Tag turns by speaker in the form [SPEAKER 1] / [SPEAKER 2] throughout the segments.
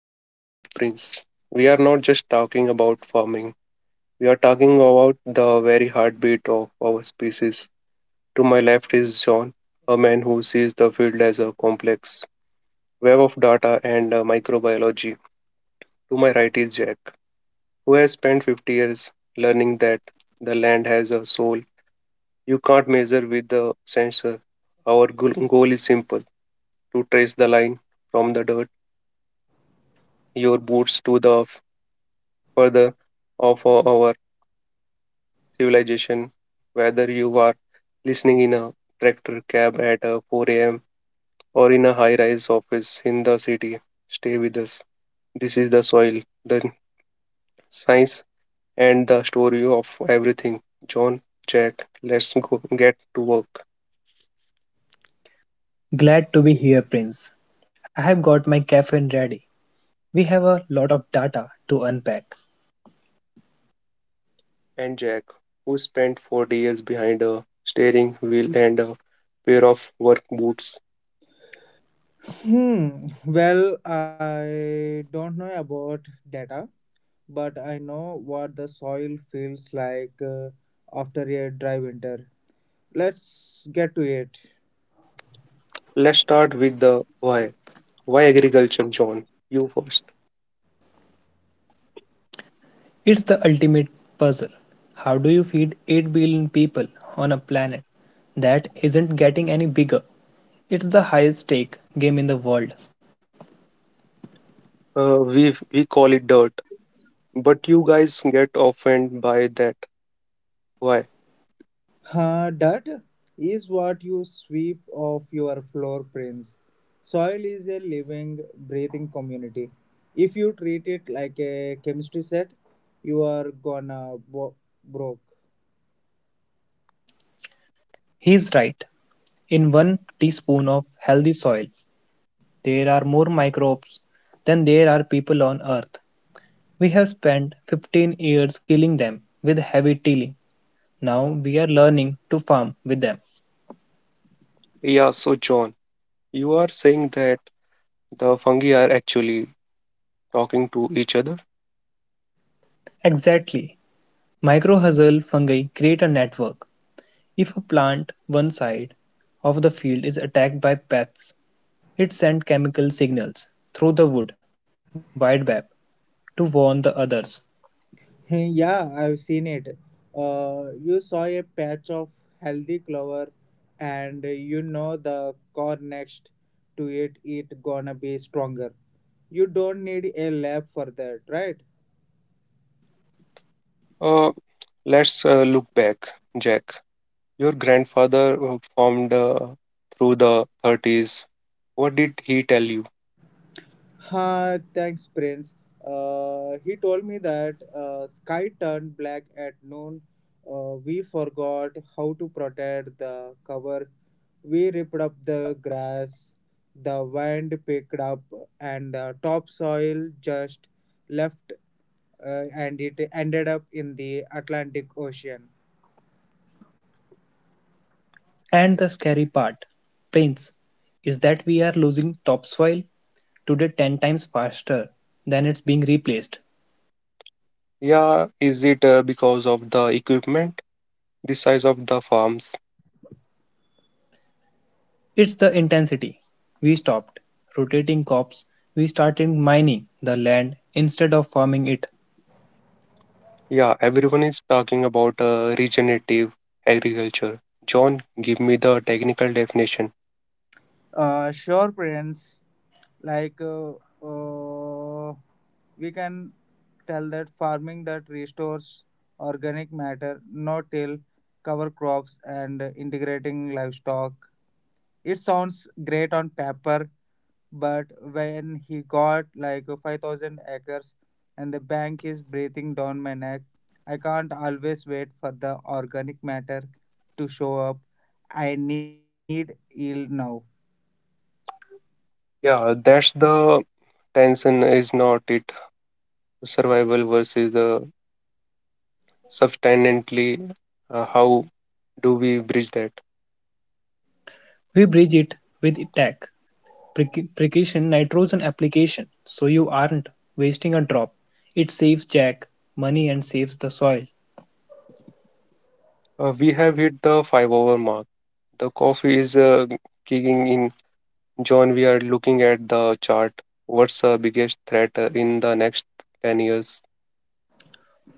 [SPEAKER 1] My name is Prince. We are not just talking about farming. We are talking about the very heartbeat of our species. To my left is John, a man who sees the field as a complex web of data and microbiology. To my right is Jack, who has spent 50 years learning that the land has a soul you can't measure with the sensor. Our goal is simple to trace the line from the dirt, your boots to the further of our civilization, whether you are listening in a tractor cab at 4 a.m. or in a high rise office in the city. Stay with us. This is the soil, the science, and the story of everything. John, Jack, let's go get to work.
[SPEAKER 2] Glad to be here, Prince. I have got my caffeine ready. We have a lot of data to unpack.
[SPEAKER 1] And Jack, who spent 40 years behind a steering wheel and a pair of work boots.
[SPEAKER 3] Hmm. Well, I don't know about data, but I know what the soil feels like after a dry winter. Let's get to it.
[SPEAKER 1] Let's start with the why. Why agriculture, John? You first.
[SPEAKER 2] It's the ultimate puzzle. How do you feed 8 billion people on a planet that isn't getting any bigger? It's the highest stake game in the world.
[SPEAKER 1] Uh, we we call it dirt, but you guys get offended by that. Why?
[SPEAKER 3] Dirt is what you sweep off your floor prints. Soil is a living, breathing community. If you treat it like a chemistry set, you are gonna broke.
[SPEAKER 2] He's right. In one teaspoon of healthy soil, there are more microbes than there are people on Earth. We have spent 15 years killing them with heavy tilling. Now we are learning to farm with them.
[SPEAKER 1] Yeah, so John, you are saying that the fungi are actually talking to each other?
[SPEAKER 2] Exactly. Mycorrhizal fungi create a network. If a plant one side of the field is attacked by pests, it sends chemical signals through the wood wide to warn the others.
[SPEAKER 3] Yeah, I've seen it. You saw a patch of healthy clover, and you know the corn next to it, gonna be stronger. You don't need a lab for that, right?
[SPEAKER 1] Uh, let's look back, Jack. Your grandfather formed through the 30s. What did he tell you?
[SPEAKER 3] Ha, thanks, Prince. He told me that sky turned black at noon. We forgot how to protect the cover. We ripped up the grass. The wind picked up, and the topsoil just left, and it ended up in the Atlantic Ocean.
[SPEAKER 2] And the scary part, Prince, is that we are losing topsoil today 10 times faster than it's being replaced.
[SPEAKER 1] Yeah, is it because of the equipment, the size of the farms?
[SPEAKER 2] It's the intensity. We stopped rotating crops. We started mining the land instead of farming it.
[SPEAKER 1] Yeah, everyone is talking about regenerative agriculture. John, give me the technical definition.
[SPEAKER 3] Sure, parents. Like uh, uh, we can tell that farming that restores organic matter, no-till, cover crops, and integrating livestock. It sounds great on paper, but when he got like 5,000 acres, and the bank is breathing down my neck, I can't always wait for the organic matter to show up. I need yield now.
[SPEAKER 1] Yeah, that's the tension, is not it? Survival versus the substantially. How do we bridge that?
[SPEAKER 2] We bridge it with tech, precaution nitrogen application, so you aren't wasting a drop. It saves Jack money and saves the soil.
[SPEAKER 1] We have hit the five-hour mark. The coffee is kicking in. John, we are looking at the chart. What's the biggest threat in the next 10 years?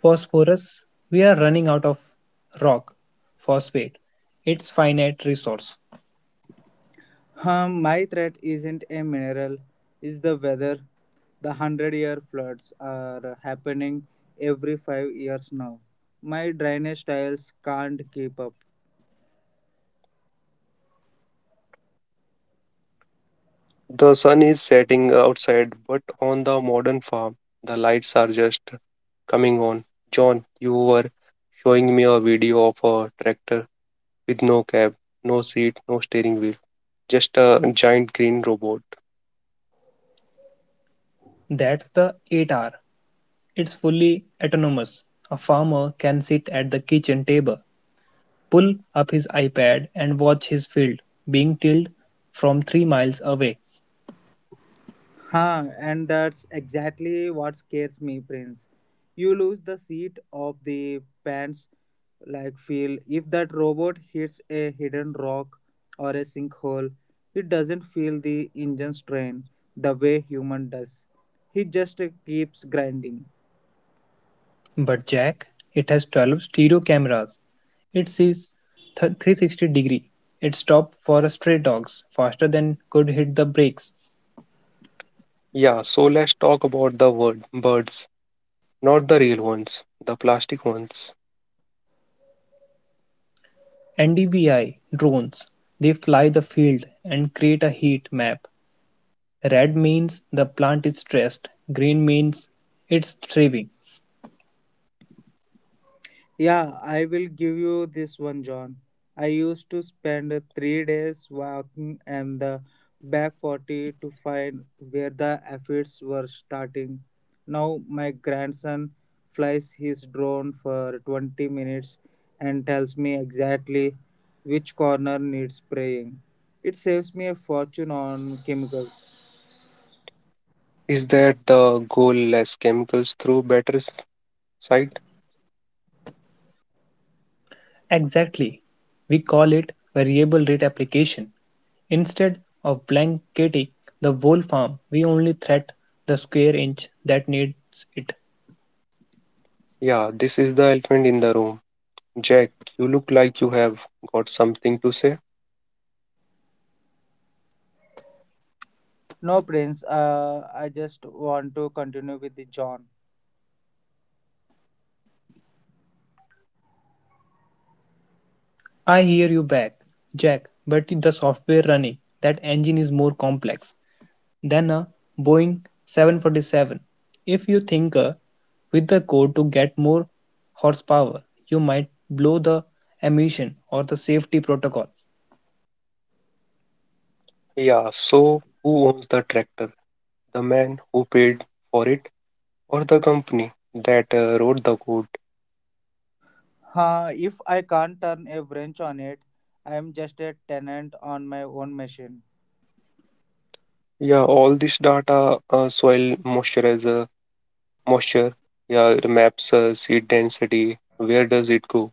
[SPEAKER 2] Phosphorus. We are running out of rock phosphate. It's finite resource.
[SPEAKER 3] My threat isn't a mineral, it's the weather. The hundred-year floods are happening every 5 years now. My drainage tiles can't keep up.
[SPEAKER 1] The sun is setting outside, but on the modern farm, the lights are just coming on. John, you were showing me a video of a tractor with no cab, no seat, no steering wheel, just a giant green robot.
[SPEAKER 2] That's the 8R. It's fully autonomous. A farmer can sit at the kitchen table, pull up his iPad and watch his field being tilled from 3 miles away.
[SPEAKER 3] Huh, and that's exactly what scares me, Prince. You lose the seat of the pants like feel. If that robot hits a hidden rock or a sinkhole, it doesn't feel the engine strain the way human does. He just keeps grinding.
[SPEAKER 2] But Jack, it has 12 stereo cameras. It sees 360 degree. It stopped for a stray dogs faster than could hit the brakes.
[SPEAKER 1] Yeah, so let's talk about the word birds, not the real ones, the plastic ones.
[SPEAKER 2] NDVI drones, they fly the field and create a heat map. Red means the plant is stressed, green means it's thriving.
[SPEAKER 3] Yeah, I will give you this one, John. I used to spend 3 days walking and the back 40 to find where the aphids were starting. Now my grandson flies his drone for 20 minutes and tells me exactly which corner needs spraying. It saves me a fortune on chemicals.
[SPEAKER 1] Is that the goal less chemicals through better sight?
[SPEAKER 2] Exactly. We call it variable rate application. Instead of blanketing the whole farm, we only threat the square inch that needs it.
[SPEAKER 1] Yeah, this is the elephant in the room. Jack, you look like you have got something to say.
[SPEAKER 3] No, Prince, I just want to continue with the John.
[SPEAKER 2] I hear you back, Jack, but the software running that engine is more complex than a Boeing 747. If you tinker with the code to get more horsepower, you might blow the emission or the safety protocol.
[SPEAKER 1] Yeah, so who owns the tractor? The man who paid for it or the company that wrote the code?
[SPEAKER 3] Huh, if I can't turn a wrench on it, I am just a tenant on my own machine.
[SPEAKER 1] Yeah, all this data, soil moisturizer, moisture, yeah, the maps, seed density, where does it go?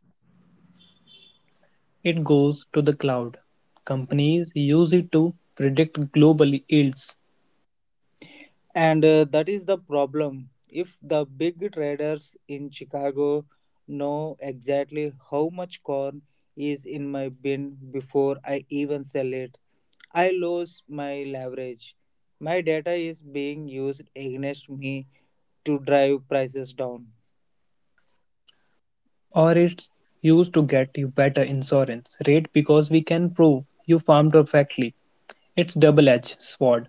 [SPEAKER 2] It goes to the cloud. Companies use it to predict global yields.
[SPEAKER 3] And that is the problem. If the big traders in Chicago know exactly how much corn is in my bin before I even sell it, I lose my leverage. My data is being used against me to drive prices down.
[SPEAKER 2] Or it's used to get you better insurance rate because we can prove you farmed perfectly. It's double-edged sword.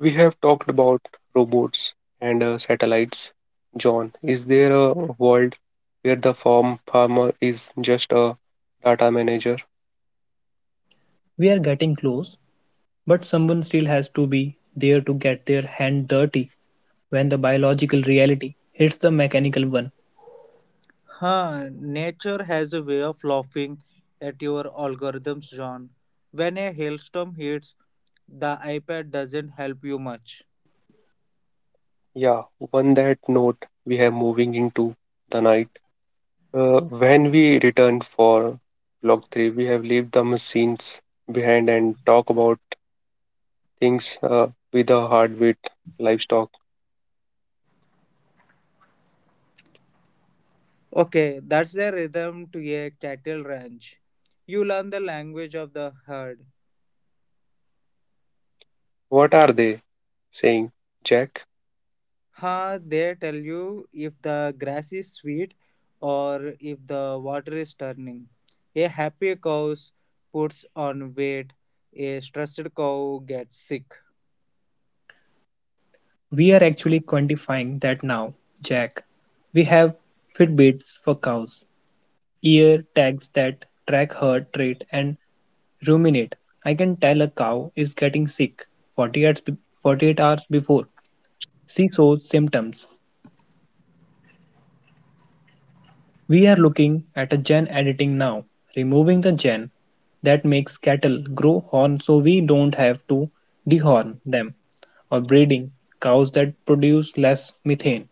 [SPEAKER 1] We have talked about robots and satellites. John, is there a world where the farmer is just a data manager?
[SPEAKER 2] We are getting close, but someone still has to be there to get their hand dirty when the biological reality hits the mechanical one.
[SPEAKER 3] Huh, nature has a way of laughing at your algorithms, John. When a hailstorm hits, the iPad doesn't help you much.
[SPEAKER 1] Yeah, one that note we have moving into the night. When we return for Block 3, we have left the machines behind and talk about things with a heartbeat livestock.
[SPEAKER 3] Okay, that's the rhythm to a cattle ranch. You learn the language of the herd.
[SPEAKER 1] What are they saying, Jack?
[SPEAKER 3] Huh, they tell you if the grass is sweet or if the water is turning. A happy cow puts on weight, a stressed cow gets sick.
[SPEAKER 2] We are actually quantifying that now, Jack. We have Fitbits for cows, ear tags that track heart rate and ruminate. I can tell a cow is getting sick 48 hours, 48 hours before she shows symptoms. We are looking at a gene editing now, removing the gene that makes cattle grow horn so we don't have to dehorn them, or breeding cows that produce less methane.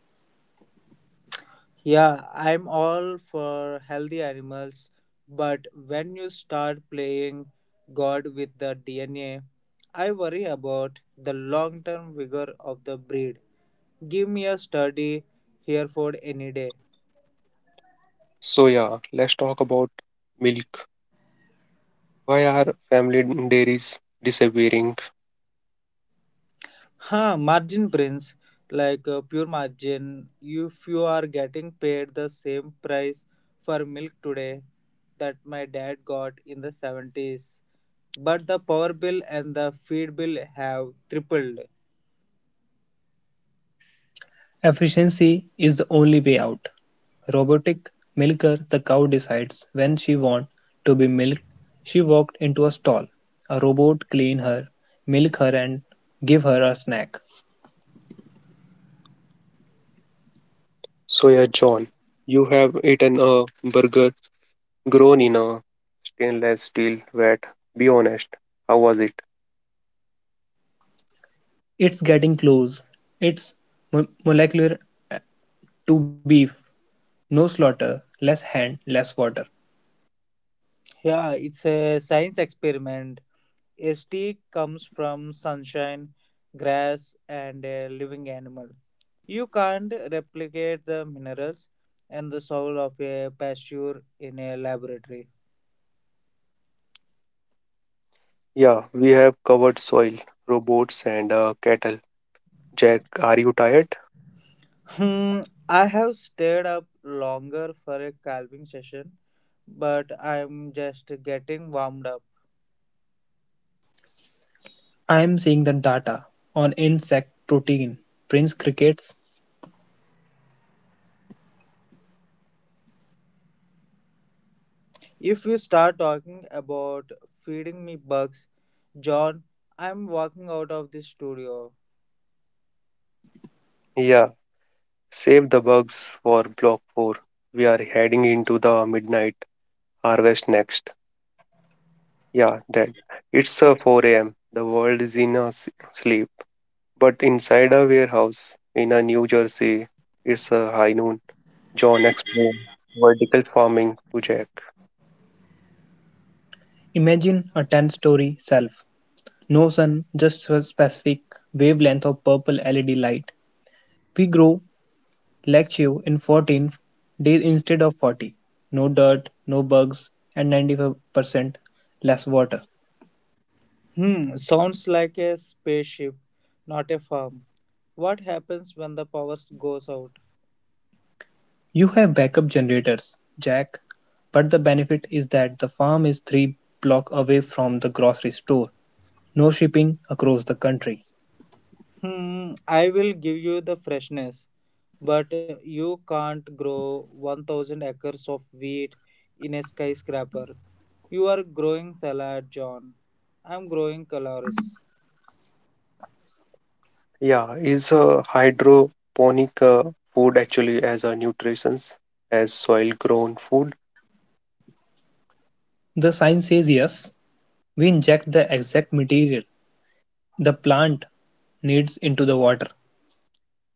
[SPEAKER 3] Yeah, I'm all for healthy animals, but when you start playing God with the DNA, I worry about the long term vigor of the breed. Give me a sturdy Hereford any day.
[SPEAKER 1] So, yeah, let's talk about milk. Why are family dairies disappearing?
[SPEAKER 3] Huh, margin prince, pure margin, if you are getting paid the same price for milk today that my dad got in the 70s, but the power bill and the feed bill have tripled.
[SPEAKER 2] Efficiency is the only way out. Robotic milker, the cow decides when she wants to be milked. She walked into a stall. A robot clean her, milk her and give her a snack.
[SPEAKER 1] So, yeah, John, you have eaten a burger grown in a stainless steel vat. Be honest, how was it?
[SPEAKER 2] It's getting close. It's molecular to beef, no slaughter, less hand, less water.
[SPEAKER 3] Yeah, it's a science experiment. A ST comes from sunshine, grass, and a living animal. You can't replicate the minerals and the soul of a pasture in a laboratory.
[SPEAKER 1] Yeah, we have covered soil, robots, and cattle. Jack, are you tired?
[SPEAKER 3] Hmm, I have stayed up longer for a calving session, but I'm just getting warmed up.
[SPEAKER 2] I am seeing the data on insect protein. Prince crickets,
[SPEAKER 3] If you start talking about feeding me bugs, John, I'm walking out of this studio.
[SPEAKER 1] Yeah, save the bugs for block 4. We are heading into the midnight harvest next. Yeah, that. It's 4 am. The world is in a sleep. But inside a warehouse in a New Jersey, it's a high noon. John explained vertical farming to Jack.
[SPEAKER 2] imagine a 10-story self. No sun, just a specific wavelength of purple LED light. We grow lectio in 14 days instead of 40. No dirt, no bugs, and 95% less water.
[SPEAKER 3] Hmm, sounds like a spaceship, not a farm. What happens when the power goes out?
[SPEAKER 2] You have backup generators, Jack, but the benefit is that the farm is three blocks away from the grocery store. No shipping across the country.
[SPEAKER 3] Hmm, I will give you the freshness, but you can't grow 1000 acres of wheat in a skyscraper. You are growing salad, John. I'm growing colors.
[SPEAKER 1] Yeah, is hydroponic food actually as a nutrition as soil grown food?
[SPEAKER 2] The sign says yes, we inject the exact material the plant needs into the water.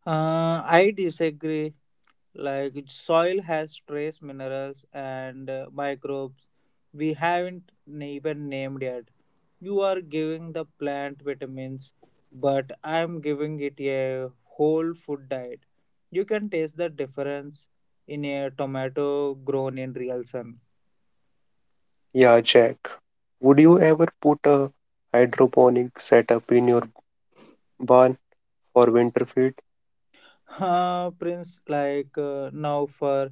[SPEAKER 3] I disagree. Like soil has trace minerals and microbes we haven't even named yet. You are giving the plant vitamins, but I am giving it a whole food diet. You can taste the difference in a tomato grown in real sun.
[SPEAKER 1] Yeah, Jack. Would you ever put a hydroponic setup in your barn for winter feed?
[SPEAKER 3] Huh, Prince, now for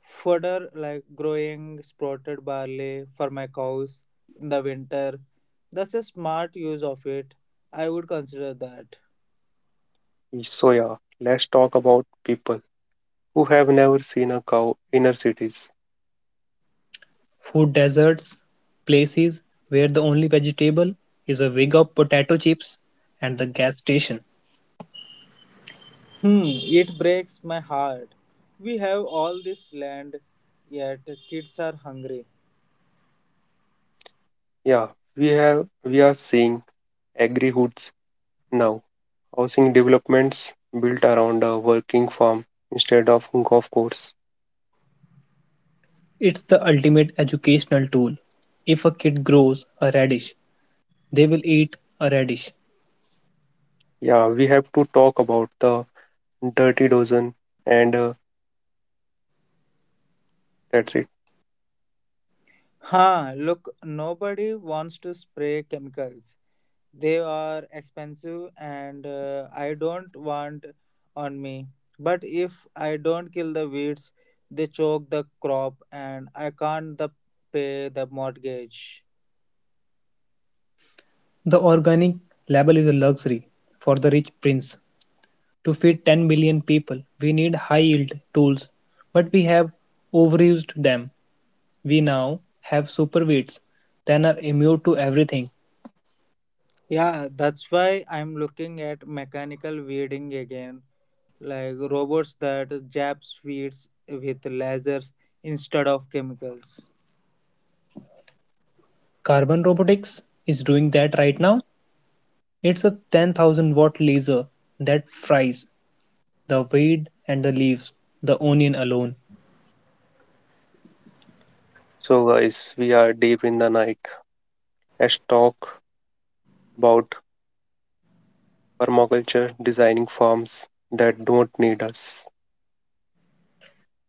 [SPEAKER 3] further, like growing sprouted barley for my cows in the winter. That's a smart use of it. I would consider that.
[SPEAKER 1] So yeah, let's talk about people who have never seen a cow in our cities.
[SPEAKER 2] Food deserts, places where the only vegetable is a wig of potato chips and the gas station.
[SPEAKER 3] Hmm, it breaks my heart. We have all this land, yet kids are hungry.
[SPEAKER 1] Yeah, we are seeing agri hoods now, housing developments built around a working farm instead of golf course.
[SPEAKER 2] It's the ultimate educational tool. If a kid grows a radish, they will eat a radish.
[SPEAKER 1] Yeah, we have to talk about the dirty dozen and that's it.
[SPEAKER 3] Huh, look, nobody wants to spray chemicals. They are expensive and I don't want on me. But if I don't kill the weeds, they choke the crop and I can't the pay the mortgage.
[SPEAKER 2] The organic label is a luxury for the rich prince. To feed 10 million people, we need high yield tools, but we have overused them. We now have superweights that are immune to everything.
[SPEAKER 3] Yeah, that's why I'm looking at mechanical weeding again, like robots that jab weeds with lasers instead of chemicals.
[SPEAKER 2] Carbon Robotics is doing that right now. It's a 10,000 watt laser that fries the weed and the leaves, the onion alone.
[SPEAKER 1] So guys, we are deep in the night. Let's talk about permaculture, designing farms that don't need us.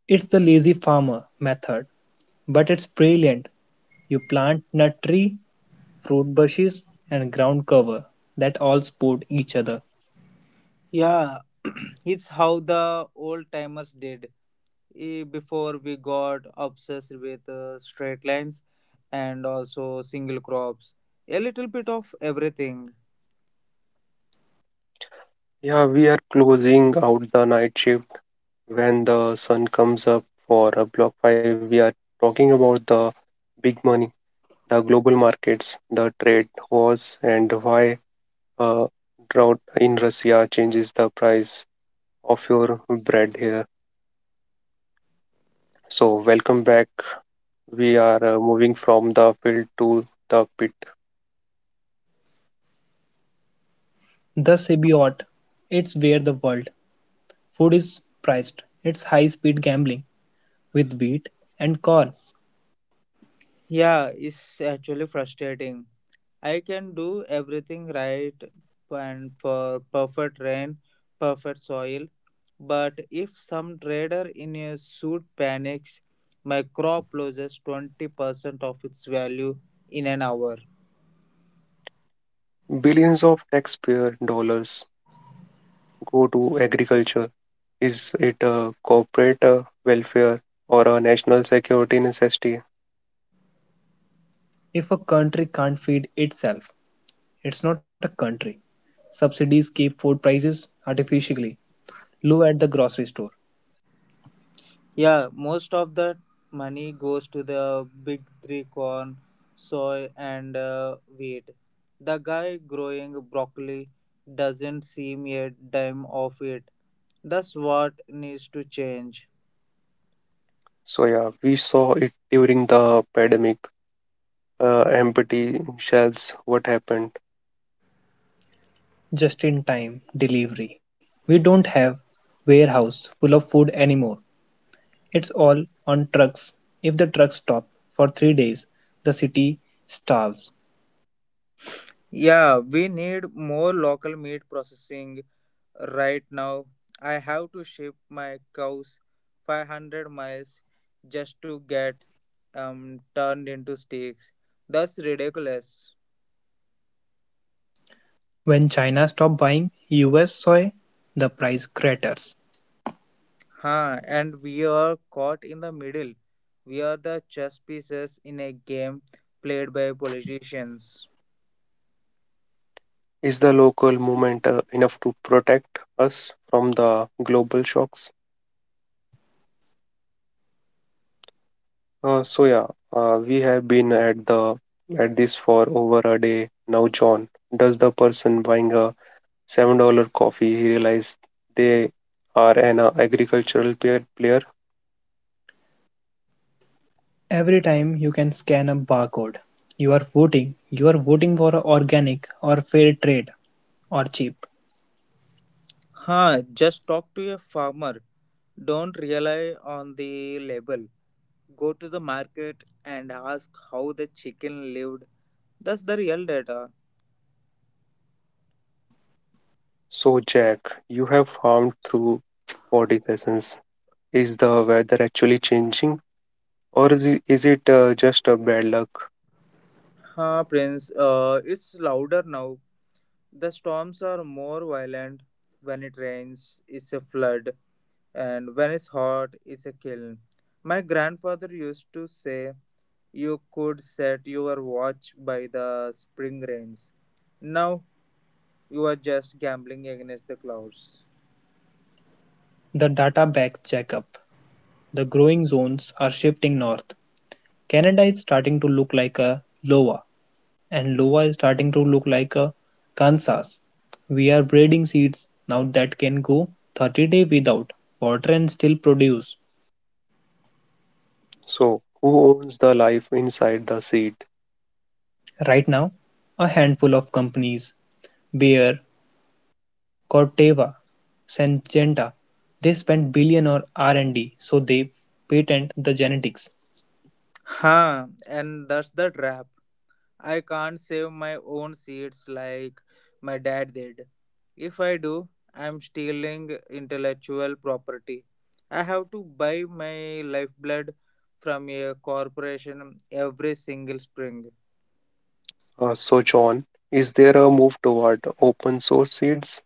[SPEAKER 2] It's the lazy farmer method, but it's brilliant. You plant nut tree, fruit bushes, and ground cover that all support each other.
[SPEAKER 3] Yeah, it's how the old timers did eh, before we got obsessed with straight lines and also single crops a little bit of everything.
[SPEAKER 1] Yeah, we are closing out the night shift when the sun comes up for a block 5. We are talking about the big money, the global markets, the trade wars, and why a drought in Russia changes the price of your bread here. So, welcome back. We are moving from the field to the pit.
[SPEAKER 2] The symbiote, it's where the world food is priced. It's high speed gambling with wheat and corn.
[SPEAKER 3] Yeah, it's actually frustrating. I can do everything right and for perfect rain perfect soil, but if some trader in a suit panics my crop loses 20% of its value in an hour.
[SPEAKER 1] Billions of taxpayer dollars go to agriculture. Is it a corporate welfare or a national security necessity?
[SPEAKER 2] If a country can't feed itself, it's not a country. Subsidies keep food prices artificially low at the grocery store.
[SPEAKER 3] Yeah, most of that money goes to the big three corn, soy, and wheat. The guy growing broccoli doesn't seem a dime of it. That's what needs to change.
[SPEAKER 1] So yeah, we saw it during the pandemic. Empty shelves, what happened?
[SPEAKER 2] Just in time delivery. We don't have warehouse full of food anymore. It's all on trucks. If the trucks stop for 3 days, the city starves.
[SPEAKER 3] Yeah, we need more local meat processing right now. I have to ship my cows 500 miles just to get turned into steaks. That's ridiculous.
[SPEAKER 2] When China stopped buying US soy, the price craters.
[SPEAKER 3] Huh, and we are caught in the middle. We are the chess pieces in a game played by politicians.
[SPEAKER 1] Is the local movement enough to protect us from the global shocks? So, we have been at this for over a day now, John. Does the person buying a $7 coffee realize they are an agricultural player?
[SPEAKER 2] Every time you can scan a barcode, you are voting. You are voting for organic or fair trade. Or cheap.
[SPEAKER 3] Huh, just talk to a farmer. Don't rely on the label. Go to the market and ask how the chicken lived. That's the real data.
[SPEAKER 1] So, Jack, you have farmed through 40 seasons. Is the weather actually changing, or is it just a bad luck?
[SPEAKER 3] Huh, Prince, it's louder now. The storms are more violent. When it rains, it's a flood. And when it's hot, it's a kiln. My grandfather used to say you could set your watch by the spring rains. Now you are just gambling against the clouds.
[SPEAKER 2] The data backs Jack up. The growing zones are shifting north. Canada is starting to look like a Iowa, and Iowa is starting to look like a Kansas. We are breeding seeds now that can go 30 days without water and still produce.
[SPEAKER 1] So, who owns the life inside the seed?
[SPEAKER 2] Right now, a handful of companies, Bayer, Corteva, Syngenta, they spend billion on R&D so they patent the genetics.
[SPEAKER 3] Ha! And that's the trap. I can't save my own seeds like my dad did. If I do, I'm stealing intellectual property. I have to buy my lifeblood from a corporation every single spring.
[SPEAKER 1] So, John, is there a move toward open source seeds?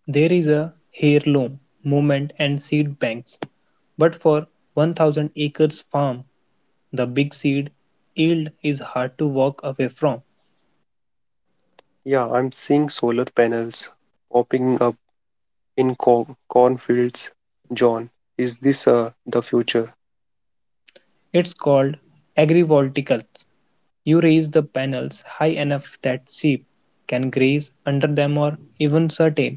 [SPEAKER 2] There is a heirloom movement and seed banks, but for 1,000 acres farm, the big seed yield is hard to walk away from.
[SPEAKER 1] Yeah, I'm seeing solar panels popping up in cornfields. John, is this the future?
[SPEAKER 2] It's called agrivoltaic. You raise the panels high enough that sheep can graze under them or even certain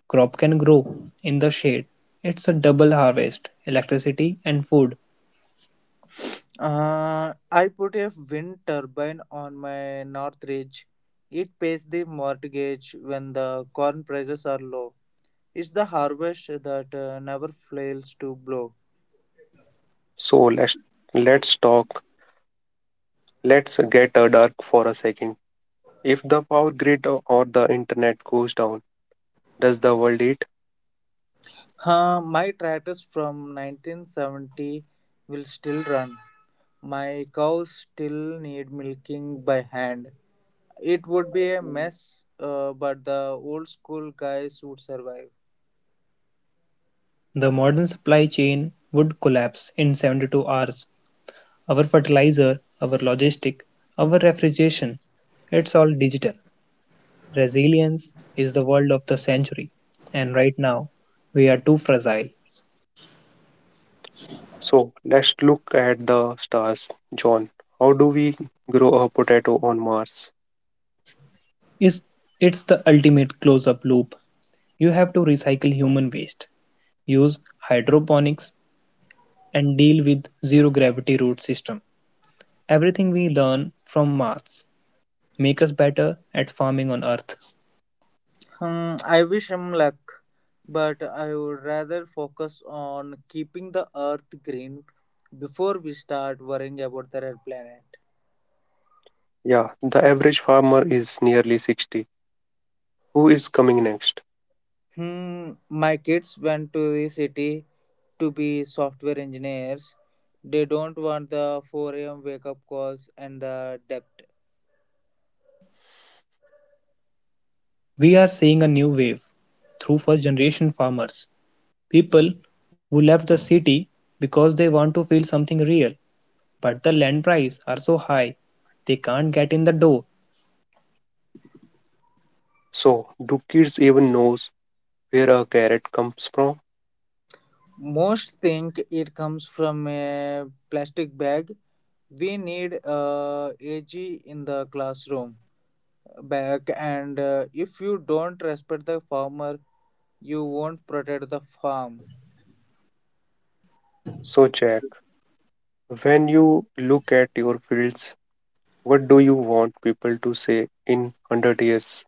[SPEAKER 2] crop can grow in the shade. It's a double harvest, electricity and food.
[SPEAKER 3] I put a wind turbine on my north ridge. It pays the mortgage when the corn prices are low. It's the harvest that never fails to blow.
[SPEAKER 1] So, let's talk. Let's get dark for a second. If the power grid or the internet goes down, does the world eat?
[SPEAKER 3] Huh, my tractors from 1970 will still run. My cows still need milking by hand. It would be a mess, but the old school guys would survive.
[SPEAKER 2] The modern supply chain would collapse in 72 hours, our fertilizer, our logistic, our refrigeration. It's all digital. Resilience is the word of the century, and right now we are too fragile.
[SPEAKER 1] So let's look at the stars. John, how do we grow a potato on Mars?
[SPEAKER 2] Is it's the ultimate close-up loop. You have to recycle human waste, use hydroponics, and deal with zero gravity root system. Everything we learn from maths make us better at farming on earth.
[SPEAKER 3] Hmm, I wish him luck, but I would rather focus on keeping the earth green before we start worrying about the red planet.
[SPEAKER 1] Yeah, the average farmer is nearly 60. Who is coming next?
[SPEAKER 3] Hmm, my kids went to the city to be software engineers. They don't want the 4 a.m. wake up calls and the debt.
[SPEAKER 2] We are seeing a new wave through first generation farmers. People who left the city because they want to feel something real, but the land prices are so high they can't get in the door.
[SPEAKER 1] So, do kids even know where a carrot comes from?
[SPEAKER 3] Most think it comes from a plastic bag. We need a AG in the classroom back and if you don't respect the farmer you won't protect the farm.
[SPEAKER 1] So, Jack, when you look at your fields, what do you want people to say in 100 years?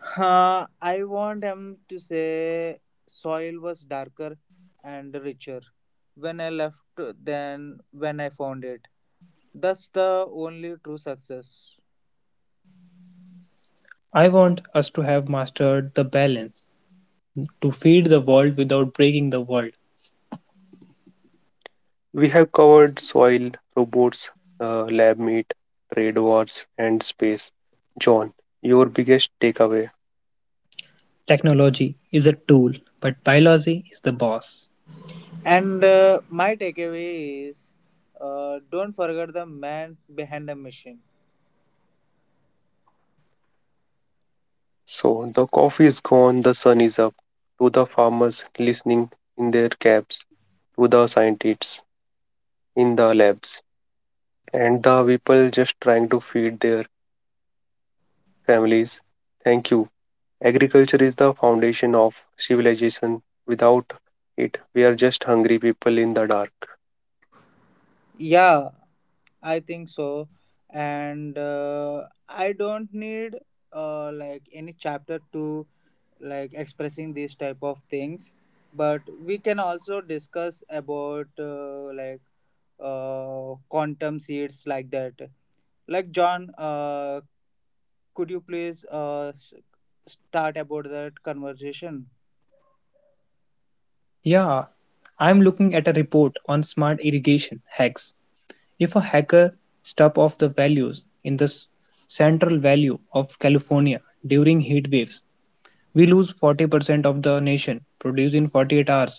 [SPEAKER 3] Huh, I want him to say soil was darker and richer when I left than when I found it. That's the only true success.
[SPEAKER 2] I want us to have mastered the balance to feed the world without breaking the world.
[SPEAKER 1] We have covered soil, robots, lab meat, trade wars, and space. John, your biggest takeaway.
[SPEAKER 2] Technology is a tool, but biology is the boss.
[SPEAKER 3] And my takeaway is don't forget the man behind the machine.
[SPEAKER 1] So, the coffee is gone, the sun is up. To the farmers listening in their cabs, to the scientists in the labs, and the people just trying to feed their families. Thank you. Agriculture is the foundation of civilization. Without it, we are just hungry people in the dark.
[SPEAKER 3] Yeah, I think so. And I don't need like any chapter to like expressing these type of things, but we can also discuss about quantum seeds like that, like John, could you please start about that conversation?
[SPEAKER 2] Yeah, I'm looking at a report on smart irrigation hacks. If a hacker stuff off the values in the central valley of California during heat waves, we lose 40% of the nation, produced in 48 hours.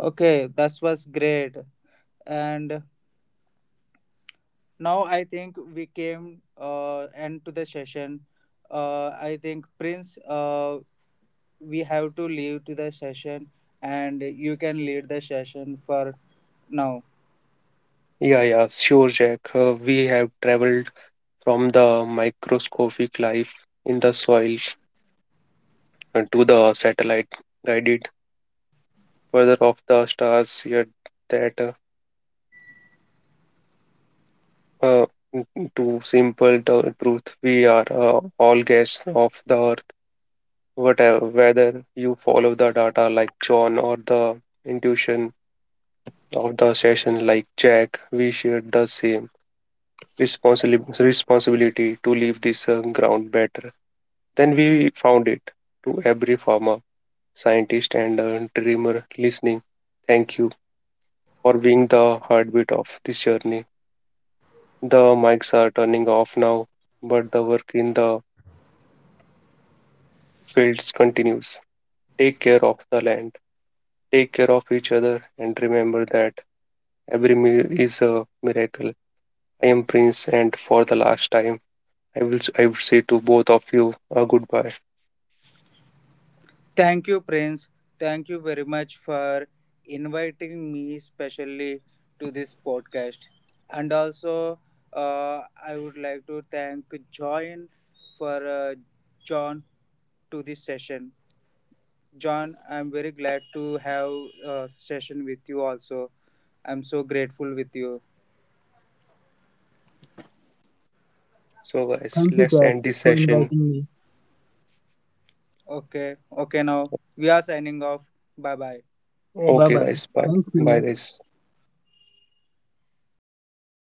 [SPEAKER 3] Okay, that was great, and now I think we came end to the session. I think Prince, we have to leave to the session and you can lead the session for now.
[SPEAKER 1] Yeah, yeah, sure, Jack. We have traveled from the microscopic life in the soil to the satellite guided further of the stars, yet that uh, to simple truth, we are all guests of the earth, whatever whether you follow the data like John or the intuition of the session like Jack, we share the same responsibility to leave this ground better than we found it, to every farmer, scientist, and a dreamer listening. Thank you for being the heartbeat of this journey. The mics are turning off now, but the work in the fields continues. Take care of the land, take care of each other, and remember that every meal is a miracle. I am Prince, and for the last time, I would say to both of you a goodbye.
[SPEAKER 3] Thank you, Prince. Thank you very much for inviting me specially to this podcast. And also, uh, I would like to thank John for John to this session. John, I'm very glad to have a session with you. Also, I'm so grateful with you.
[SPEAKER 1] So guys,
[SPEAKER 2] Thank you,
[SPEAKER 1] let's
[SPEAKER 2] Jack,
[SPEAKER 1] end this
[SPEAKER 2] for
[SPEAKER 1] session.
[SPEAKER 2] inviting me.
[SPEAKER 3] Okay, okay. Now we are signing off. Bye bye.
[SPEAKER 2] Bye
[SPEAKER 1] Okay
[SPEAKER 2] bye.
[SPEAKER 1] guys, bye.
[SPEAKER 2] Thank
[SPEAKER 1] Bye
[SPEAKER 2] you.
[SPEAKER 1] guys.